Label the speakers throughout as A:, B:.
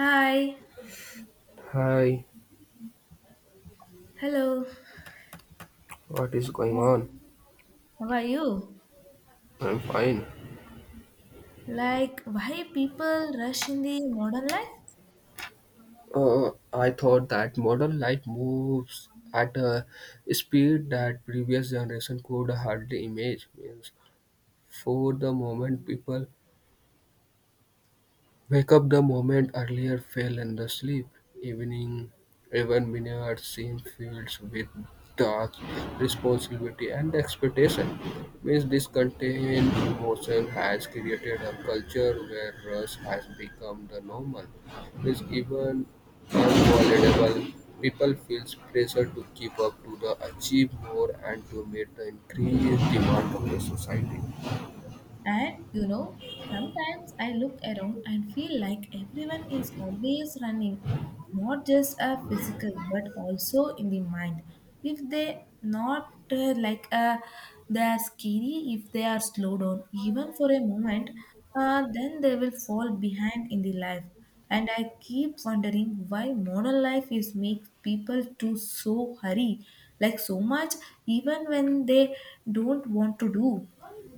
A: Hi,
B: Hi,
A: hello.
B: what is going
A: Well,
B: on?
A: how are you?
B: I'm fine.
A: Like why people rush in the modern life?
B: I thought that modern light moves at a speed that previous generation could hardly imagine. Means for the moment, people wake up the moment earlier fell in the sleep. Evening, even vineyard seemed filled with dark responsibility and expectation. Means this contained emotion has created a culture where rush has become the normal. Means even unavoidable people feels pressure to keep up to the achieve more and to meet the increased demand of the society.
A: And you know, sometimes I look around and feel like everyone is always running, not just a physical but also in the mind. If they not like they are skinny, if they are slow down even for a moment, then they will fall behind in the life. And I keep wondering why modern life is make people to so hurry, like so much, even when they don't want to do.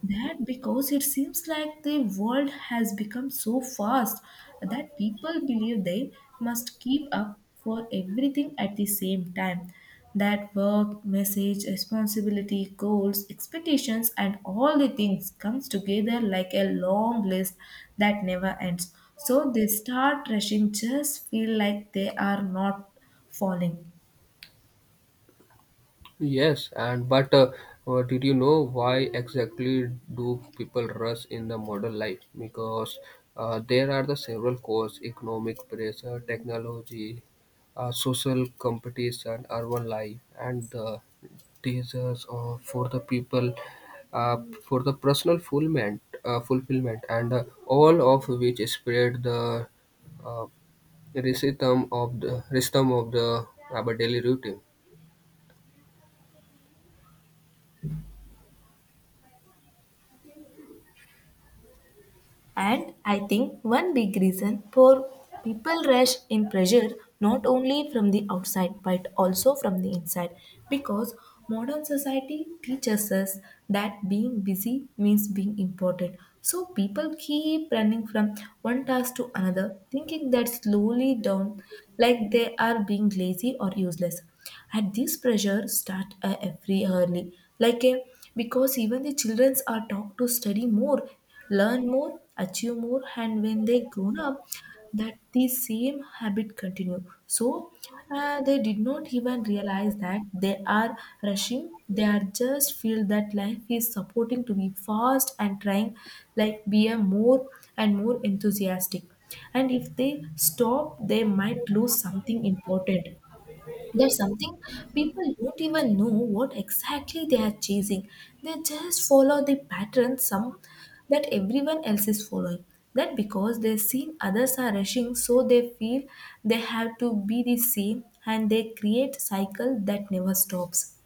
A: That because it seems like the world has become so fast that people believe they must keep up for everything at the same time. That work, message, responsibility, goals, expectations, and all the things comes together like a long list that never ends. So they start rushing, just feel like they are not falling.
B: Yes, and but did you know why exactly do people rush in the modern life? Because there are the several causes: economic pressure, technology, social competition, urban life, and the desires of, for the people uh, for the personal fulfillment, fulfillment, and all of which spread the uh, rhythm of the our daily routine.
A: And I think one big reason for people rush in pressure not only from the outside but also from the inside because modern society teaches us that being busy means being important. So people keep running from one task to another, thinking that slowly down like they are being lazy or useless and this pressure start every early like a because even the children are taught to study more, learn more, achieve more, and when they grown up that the same habit continue. So they did not even realize that they are rushing. They are just feel that life is supporting to be fast and trying like be a more and more enthusiastic, and if they stop they might lose something important. There's something people don't even know what exactly they are chasing. They just follow the pattern some that everyone else is following. That because they've seen others are rushing, so they feel they have to be the same and they create cycle that never stops.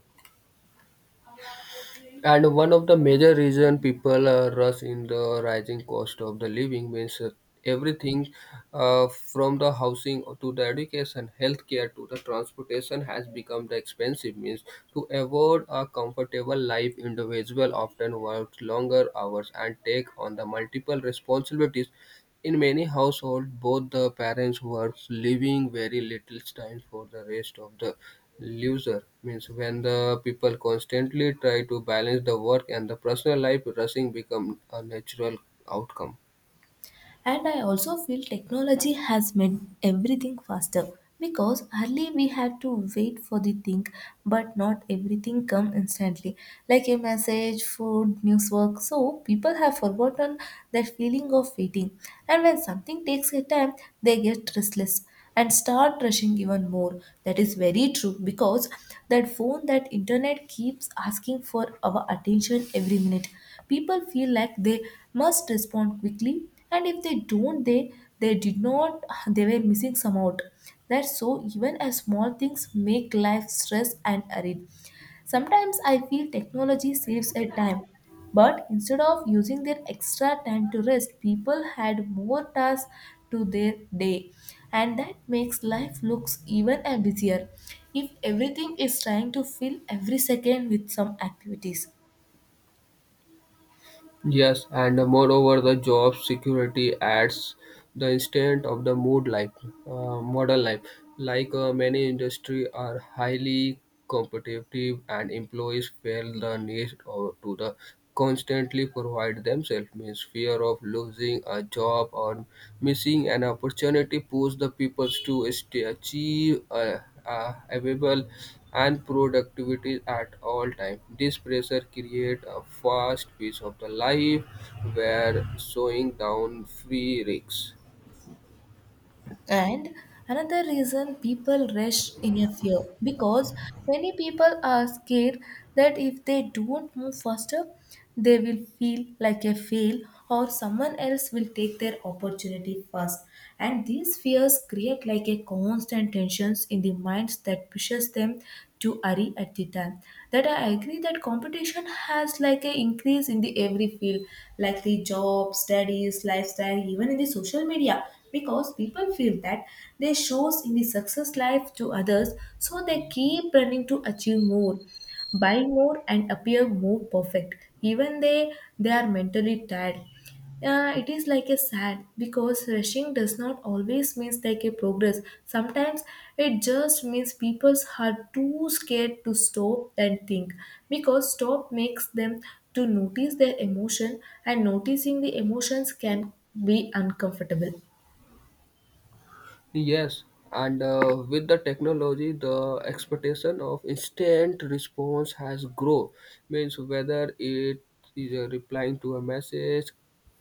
B: And one of the major reason people rush in the rising cost of the living means everything from the housing to the education, healthcare to the transportation has become the expensive means to avoid a comfortable life. Individual often work longer hours and take on the multiple responsibilities in many households, both the parents work, leaving very little time for the rest of the loser. Means when the people constantly try to balance the work and the personal life, rushing becomes a natural outcome.
A: And I also feel technology has made everything faster because early we had to wait for the thing, but not everything come instantly, like a message, food, news work. So people have forgotten that feeling of waiting, and when something takes a time, they get restless and start rushing even more. That is very true because that phone, that internet keeps asking for our attention every minute. People feel like they must respond quickly and if they don't they did not they were missing some out. That's so even as small things make life stress and arid. Sometimes I feel technology saves a time, but instead of using their extra time to rest, people had more tasks to their day, and that makes life looks even a busier if everything is trying to fill every second with some activities.
B: Yes, and moreover, the job security adds the instant of the mood like modern life. Like, many industry are highly competitive, and employees feel the need or to the constantly provide themselves means fear of losing a job or missing an opportunity push the people to stay achieve available and productivity at all time. This pressure create a fast pace of the life where slowing down free risks.
A: And another reason people rush in a fear because many people are scared that if they don't move faster, they will feel like a fail or someone else will take their opportunity first. And these fears create like a constant tensions in the minds that pushes them to hurry at the time. That I agree that competition has like a increase in the every field, like the job, studies, lifestyle, even in the social media because people feel that they shows in the success life to others so they keep running to achieve more, buy more, and appear more perfect even they are mentally tired. It is like a sad because rushing does not always means like a progress. Sometimes it just means people are too scared to stop and think because stop makes them to notice their emotion, and noticing the emotions can be uncomfortable.
B: Yes, and with the technology, the expectation of instant response has grown. Means whether it is replying to a message,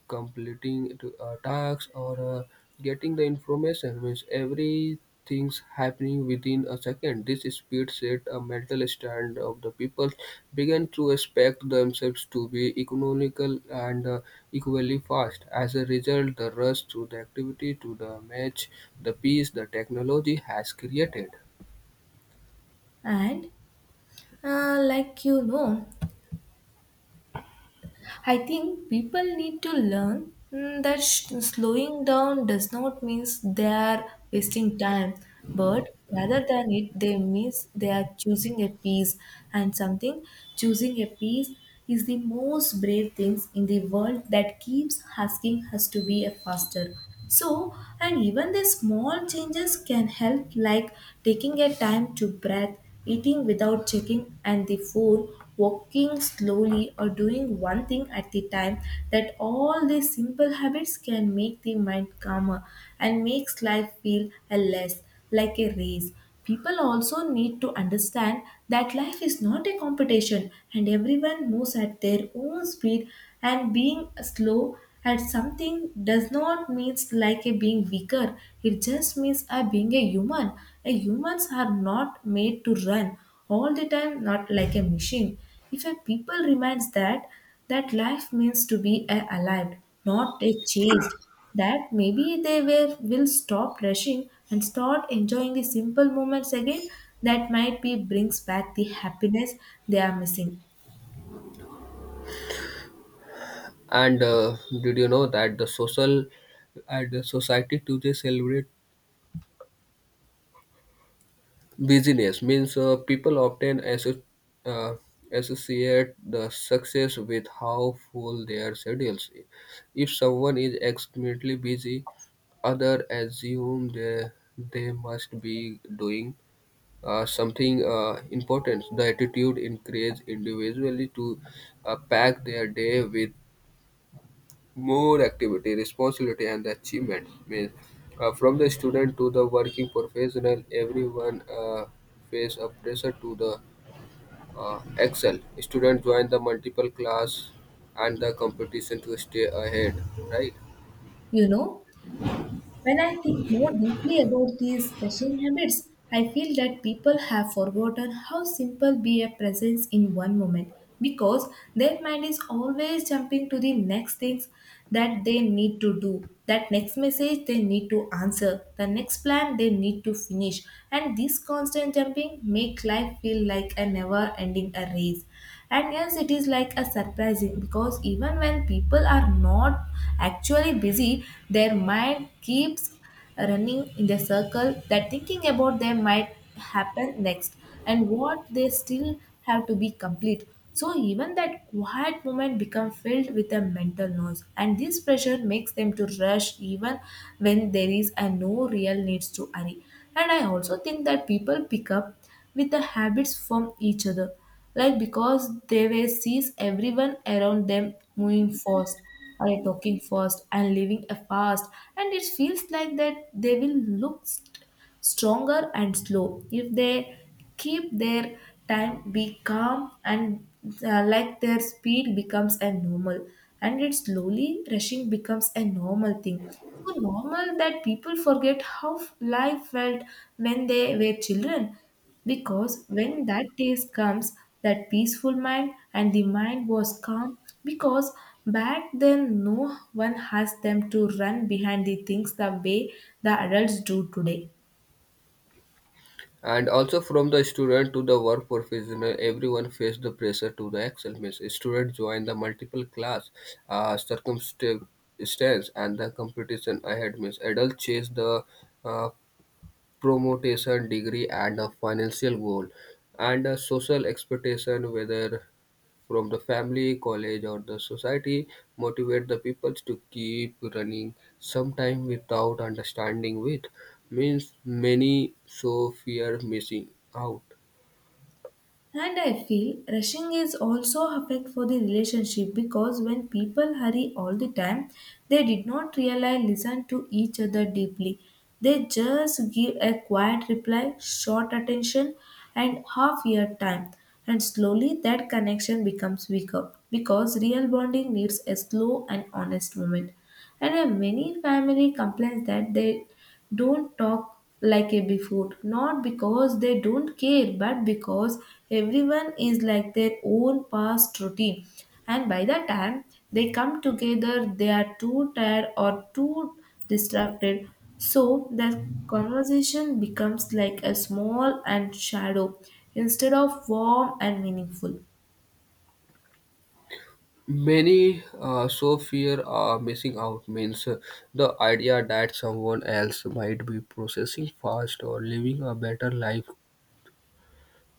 B: completing to a task or getting the information means everything's happening within a second. This speed set a mental standard of the people began to expect themselves to be economical and equally fast. As a result, the rush to the activity to the match the piece the technology has created.
A: And like you know, I think people need to learn that slowing down does not means they are wasting time, but rather than it, they means they are choosing a peace and something. Choosing a peace is the most brave things in the world that keeps asking us to be a faster. So, and even the small changes can help, like taking a time to breath, eating without checking and the phone, walking slowly or doing one thing at the time, that all these simple habits can make the mind calmer and makes life feel a less like a race. People also need to understand that life is not a competition and everyone moves at their own speed, and being slow at something does not means like a being weaker. It just means a being a human. A humans are not made to run all the time, not like a machine. If a people reminds that that life means to be a alive, not a chased, that maybe they will stop rushing and start enjoying the simple moments again that might be brings back the happiness they are missing.
B: And did you know that the social and the society today celebrate business means people often uh, associate the success with how full their schedules is? If someone is extremely busy, others assume they must be doing something important. The attitude encourages individually to pack their day with more activity, responsibility, and achievement. Means from the student to the working professional, everyone face a pressure to the excel. Student join the multiple class and the competition to stay ahead, right?
A: You know? When I think more deeply about these rushing habits, I feel that people have forgotten how simple be a presence in one moment because their mind is always jumping to the next things that they need to do, that next message they need to answer, the next plan they need to finish, and this constant jumping make life feel like a never ending a race. And yes it is like a surprising because even when people are not actually busy their mind keeps running in the circle that thinking about them might happen next and what they still have to be complete. So even that quiet moment become filled with a mental noise and this pressure makes them to rush even when there is a no real needs to hurry. And I also think that people pick up with the habits from each other like because they were sees everyone around them moving fast or talking fast and living a fast, and it feels like that they will look stronger and slow if they keep their time be calm, and like their speed becomes a normal and it slowly rushing becomes a normal thing. So normal that people forget how life felt when they were children because when that day comes, that peaceful mind and the mind was calm because back then no one asked them to run behind the things the way the adults do today.
B: And also from the student to the work professional, everyone face the pressure to the excel. Means student join the multiple class, circumstance, and the competition ahead. Means adult chase the uh, promotion, degree, and a financial goal, and a social expectation, whether from the family, college, or the society, motivate the people to keep running. Sometimes without understanding with means many so fear missing out.
A: And I feel rushing is also affect for the relationship because when people hurry all the time, they did not really listen to each other deeply. They just give a quiet reply, short attention, and half year time. And slowly that connection becomes weaker because real bonding needs a slow and honest moment. And many family complains that they don't talk like a before, not because they don't care, but because everyone is like their own past routine. And by the time they come together, they are too tired or too distracted. So the conversation becomes like a small and shadow instead of warm and meaningful.
B: Many so fear missing out means the idea that someone else might be processing fast or living a better life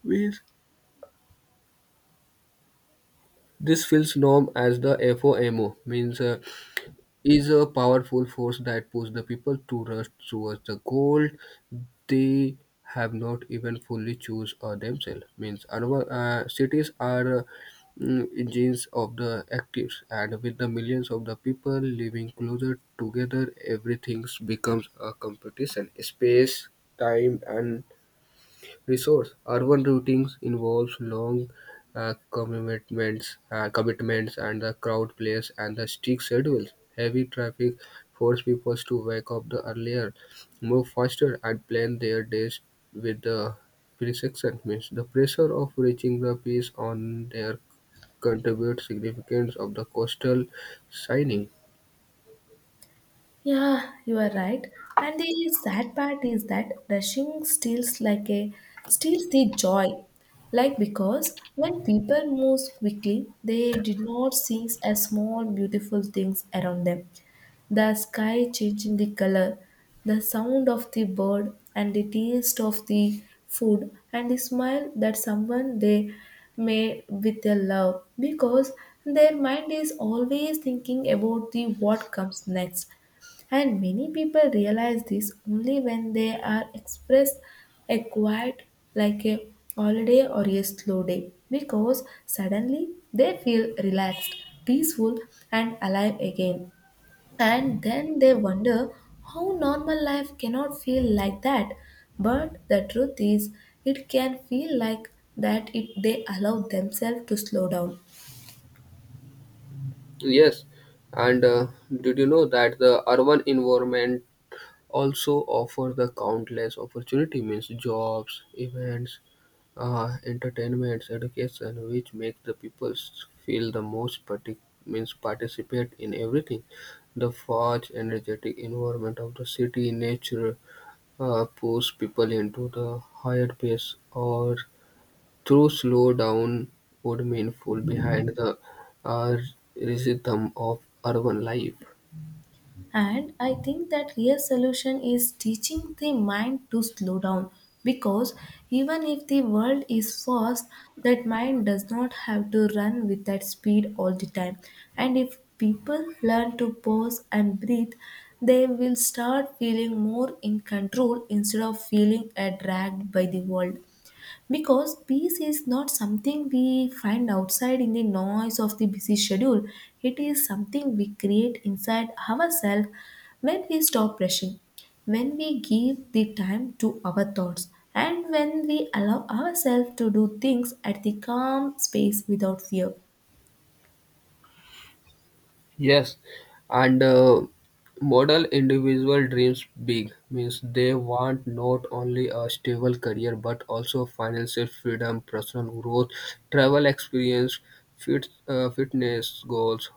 B: means this feels known as the FOMO, means is a powerful force that pushes the people to rush towards the goal they have not even fully choose themselves. Means urban cities are engines of the actives, and with the millions of the people living closer together, everything becomes a competition. Space, time, and resource. Urban routings involves long commitments and the crowd place and the strict schedules. Heavy traffic force people to wake up the earlier, move faster, and plan their days with the precision. Means the pressure of reaching the peace on their contribute significance of the coastal signing.
A: Yeah, you are right. And the sad part is that rushing steals the joy. Like because when people move quickly, they did not see as small beautiful things around them, the sky changing the color, the sound of the bird and the taste of the food and the smile that someone they made with their love because their mind is always thinking about the what comes next. And many people realize this only when they are expressed a quiet like a holiday or a slow day because suddenly they feel relaxed, peaceful, and alive again, and then they wonder how normal life cannot feel like that. But the truth is, it can feel like that if they allow themselves to slow down.
B: Yes, and did you know that the urban environment also offer the countless opportunity means jobs events entertainments education which makes the people feel the most means participate in everything the fast energetic environment of the city nature push people into the higher pace or through slow down would mean fall behind the uh, rhythm of urban life.
A: And I think that real solution is teaching the mind to slow down because even if the world is fast, that mind does not have to run with that speed all the time. And if people learn to pause and breathe, they will start feeling more in control instead of feeling dragged by the world, because peace is not something we find outside in the noise of the busy schedule. It is something we create inside ourselves, when we stop rushing, when we give the time to our thoughts and when we allow ourselves to do things at the calm space without fear.
B: Yes, and model individual dreams big means they want not only a stable career but also financial freedom, personal growth, travel experience, fitness goals,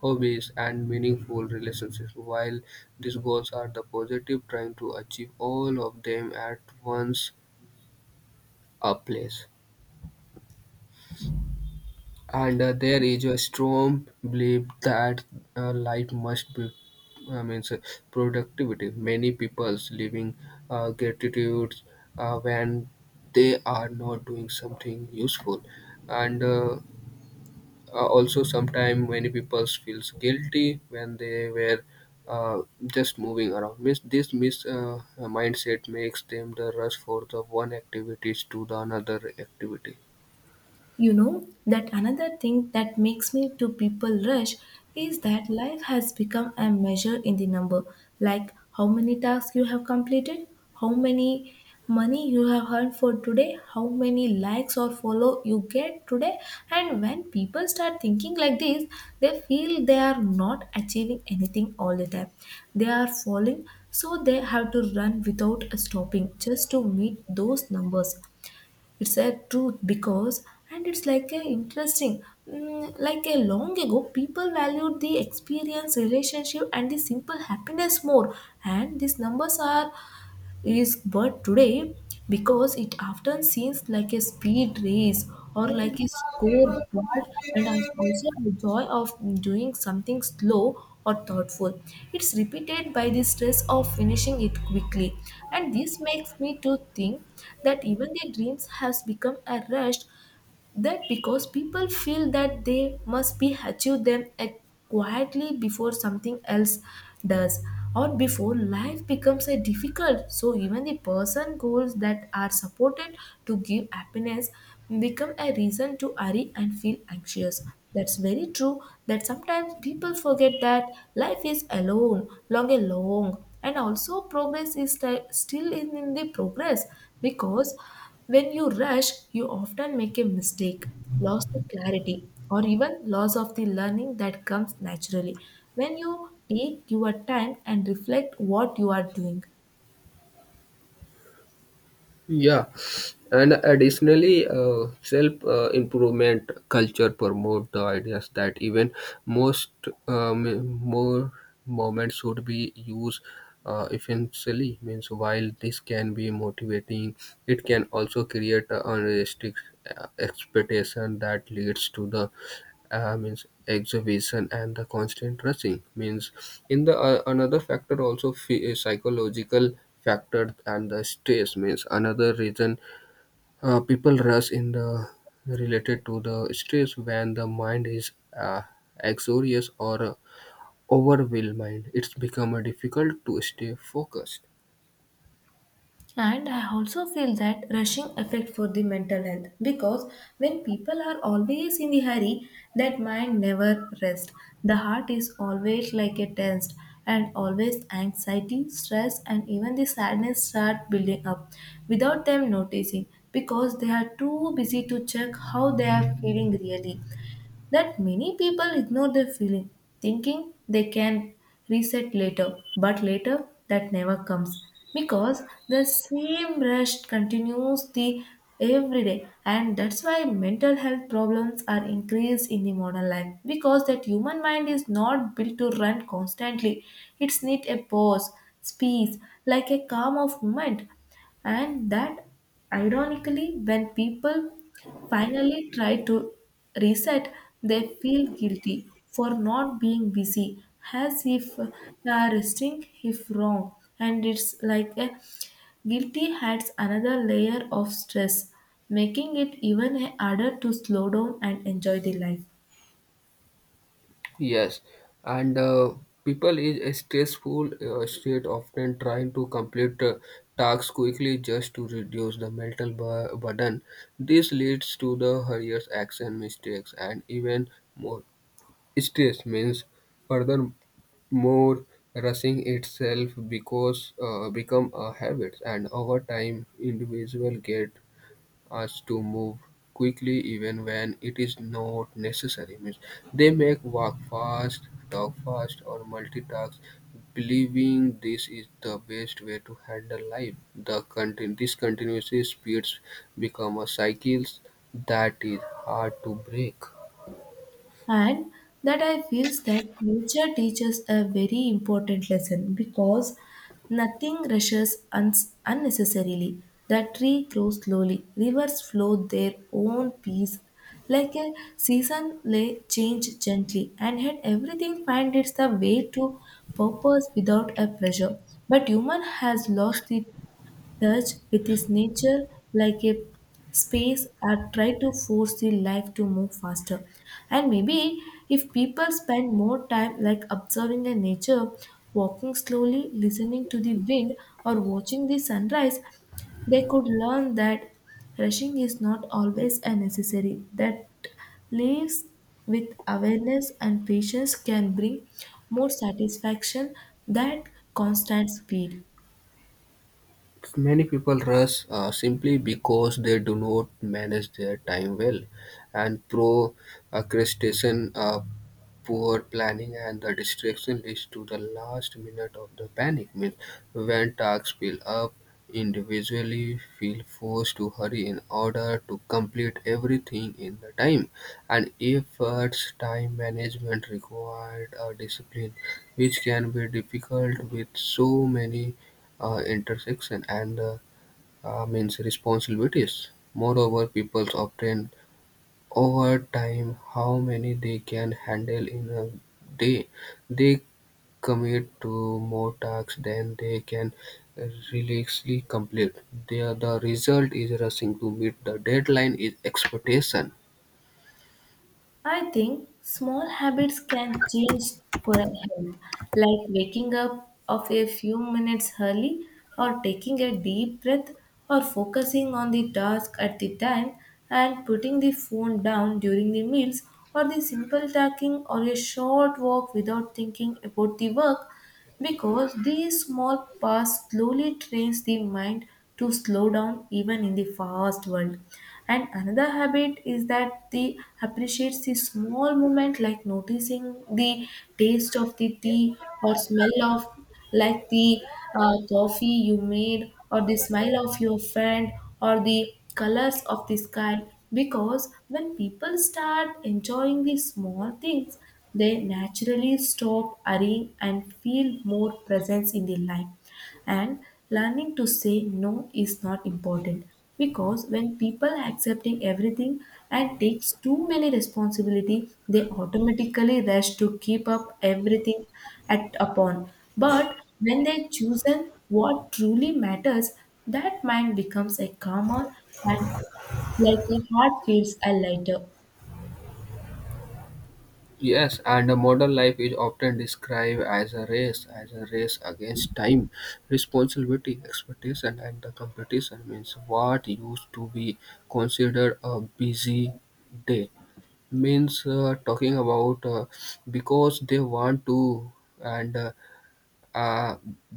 B: hobbies, and meaningful relationships. While these goals are the positive, trying to achieve all of them at once a place. And there is a strong belief that life must be, I mean, so productivity. Many people's living gratitude when they are not doing something useful, and also sometimes many people feels guilty when they were uh, just moving around. Mis- this mis mindset makes them the rush for the one activities to the another activity.
A: You know that another thing that makes me to people rush is that life has become a measure in the number, like how many tasks you have completed, how many money you have earned for today, how many likes or follow you get today. And when people start thinking like this, they feel they are not achieving anything all the time, they are falling, so they have to run without stopping just to meet those numbers. It's a truth because, and it's like a interesting, like a long ago people valued the experience relationship and the simple happiness more, and these numbers are is but today, because it often seems like a speed race or like a scoreboard. And also the joy of doing something slow or thoughtful, it's repeated by the stress of finishing it quickly. And this makes me to think that even the dreams has become a rush, that because people feel that they must be achieve them at quietly before something else does, or before life becomes a difficult, so even the person goals that are supported to give happiness become a reason to hurry and feel anxious. That's very true, that sometimes people forget that life is alone long and long, and also progress is still in the progress, because when you rush, you often make a mistake, loss the clarity, or even loss of the learning that comes naturally. When you take your time and reflect what you are doing,
B: Yeah, and additionally, self improvement culture promote the ideas that even most more moments should be used essentially. Means while this can be motivating, it can also create a unrealistic expectation that leads to the means exhibition and the constant rushing means in the another factor also psychological factor and the stress means another reason people rush in the related to the stress when the mind is uh, anxious or overwhelmed. It's become difficult to stay focused.
A: and I also feel that rushing effect for the mental health because when people are always in the hurry, that mind never rests. The heart is always like a tensed, and always anxiety, stress and even the sadness start building up without them noticing, because they are too busy to check how they are feeling really. That many people ignore their feeling, thinking they can reset later, but later that never comes, because the same rush continues the every day. And that's why mental health problems are increased in the modern life, because that human mind is not built to run constantly. It's need a pause, space, like a calm of moment. And that ironically when people finally try to reset, they feel guilty for not being busy, as if resting if wrong. And it's like a guilty adds another layer of stress, making it even harder to slow down and enjoy the life.
B: Yes, and people in a stressful state often trying to complete tasks quickly just to reduce the mental burden. This leads to the hurried action mistakes and even more stress means further more rushing itself because become a habit and over time individual get us to move quickly even when it is not necessary. Means they make walk fast, talk fast, or multitask, believing this is the best way to handle life. This continuous speeds become a cycle that is hard to break.
A: And that I feels that nature teaches a very important lesson, because nothing rushes unnecessarily. The tree grows slowly, rivers flow their own pace, like a season lay change gently, and yet everything find its the way to purpose without a pressure. But human has lost the touch with his nature, like a space, are try to force the life to move faster. And maybe if people spend more time like observing the nature, walking slowly, listening to the wind, or watching the sunrise, they could learn that rushing is not always a necessary. That lives with awareness and patience can bring more satisfaction than constant speed.
B: Many people rush simply because they do not manage their time well, and procrastination, poor planning, and the distraction leads to the last minute of the panic. Means when tasks pile up, individually feel forced to hurry in order to complete everything in the time, and efforts time management required a discipline, which can be difficult with so many intersection and means responsibilities. Moreover, people obtain over time how many they can handle in a day. They commit to more tasks than they can realistically complete. There, the result is rushing to meet the deadline is expectation.
A: I think small habits can change for a health, like waking up of a few minutes early, or taking a deep breath, or focusing on the task at the time, and putting the phone down during the meals, or the simple talking or a short walk without thinking about the work, because these small paths slowly trains the mind to slow down even in the fast world. And another habit is that the appreciates the small moment, like noticing the taste of the tea or smell of, like the coffee you made, or the smile of your friend, or the colors of the sky. Because when people start enjoying the small things, they naturally stop hurrying and feel more presence in their life. And learning to say no is not important, because when people are accepting everything and takes too many responsibility, they automatically rush to keep up everything at upon. But when they chosen what truly matters, that mind becomes a calmer, and like a heart feels a lighter.
B: Yes, and a modern life is often described as a race against time, responsibility, expectation, and the competition means what used to be considered a busy day means talking about because they want to and uh,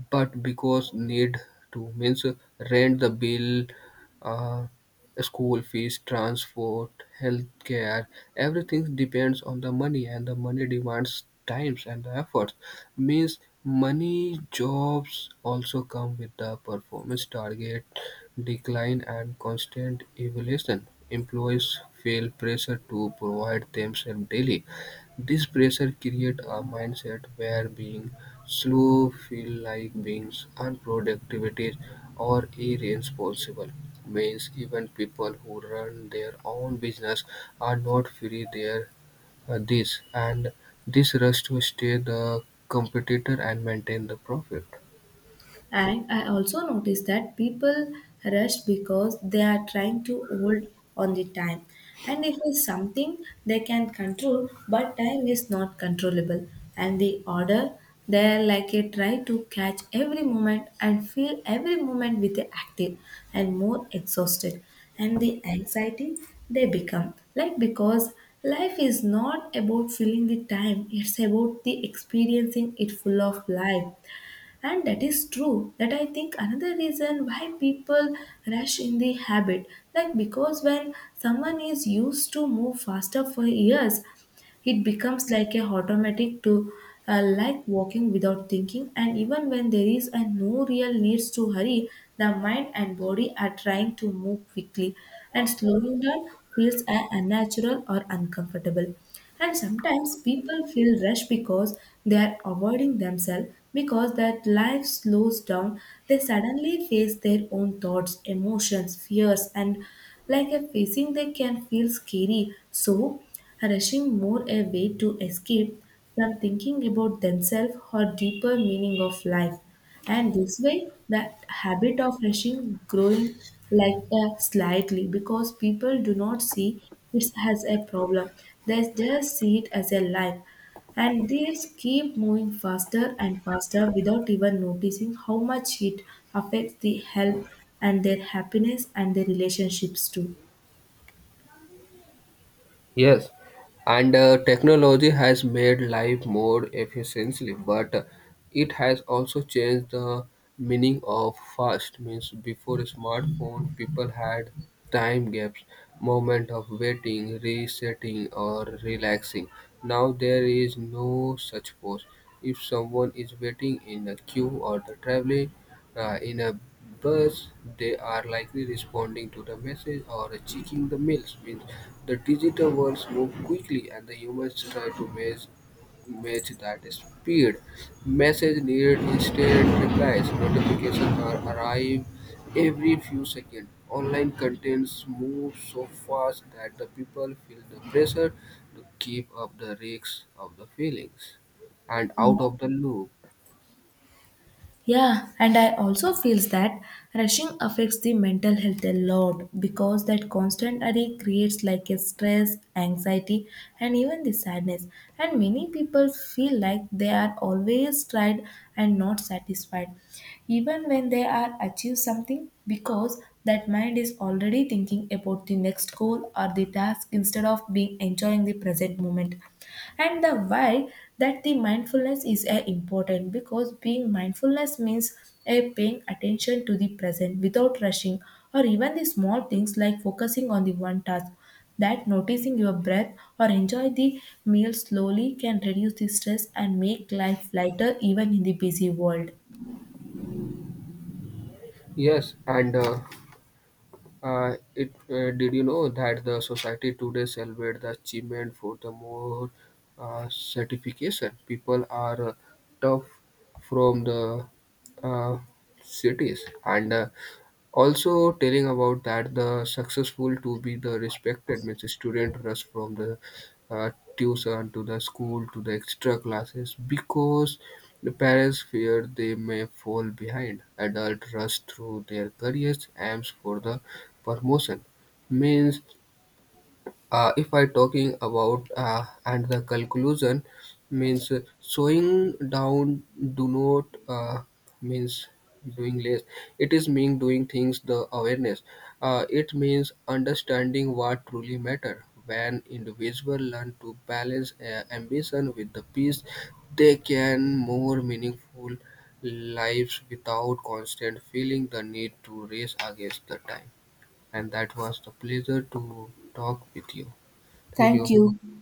B: but because need to means rent the bill uh, school fees transport healthcare everything depends on the money and the money demands times and the efforts means money jobs also come with the performance target decline and constant evaluation. Employees feel pressure to provide themselves daily. This pressure creates a mindset where being slow feels like being unproductive or irresponsible. Means even people who run their own business are not free there. uh, this and this rush to stay the competitor and maintain the profit.
A: And I also noticed that people rush because they are trying to hold on the time. And it is something they can control, but time is not controllable. And the order, they're like a try to catch every moment and feel every moment with the active and more exhausted. And the anxiety they become like, because life is not about filling the time, it's about the experiencing it full of life. And that is true, that I think another reason why people rush in the habit, like because when someone is used to move faster for years, it becomes like a automatic to, like walking without thinking, and even when there is a no real needs to hurry, the mind and body are trying to move quickly, and slowing down feels unnatural or uncomfortable. And sometimes people feel rushed because they are avoiding themselves, because that life slows down they suddenly face their own thoughts emotions fears, and like a facing they can feel scary, so rushing more a way to escape from thinking about themselves or deeper meaning of life. And this way, the habit of rushing growing like a slightly because people do not see it as a problem. They just see it as a life. And they just keep moving faster and faster without even noticing how much it affects the health and their happiness and their relationships too.
B: Yes, and technology has made life more efficiently, but it has also changed the meaning of fast. Means before smartphone, people had time gaps, moment of waiting, resetting, or relaxing. Now there is no such pause. If someone is waiting in a queue or the traveling, in a bus, they are likely responding to the message or checking the mails. Means the digital worlds move quickly, and the humans try to match that speed. Message needed instant replies. Notifications are arrive every few seconds. Online contents move so fast that the people feel the pressure to keep up the risks of the feelings and out of the loop.
A: Yeah, and I also feels that rushing affects the mental health a lot, because that constant hurry creates like a stress, anxiety, and even the sadness. And many people feel like they are always tried and not satisfied, even when they are achieve something, because that mind is already thinking about the next goal or the task instead of being enjoying the present moment. And the why that the mindfulness is a important, because being mindfulness means a paying attention to the present without rushing, or even the small things like focusing on the one task, that noticing your breath or enjoy the meal slowly can reduce the stress and make life lighter even in the busy world.
B: Yes, and it did you know that the society today celebrates the achievement for the more certification? People are tough from the uh, cities and also telling about that the successful to be the respected means the student rush from the tuition to the school to the extra classes because the parents fear they may fall behind adult rush through their careers aims for the promotion means if I talking about and the conclusion means slowing down do not means doing less, it is mean doing things the awareness. It means understanding what truly matter when individual learn to balance ambition with the peace they can more meaningful lives without constant feeling the need to race against the time. And that was the pleasure to talk with you. Thank
A: Thank
B: you.
A: you.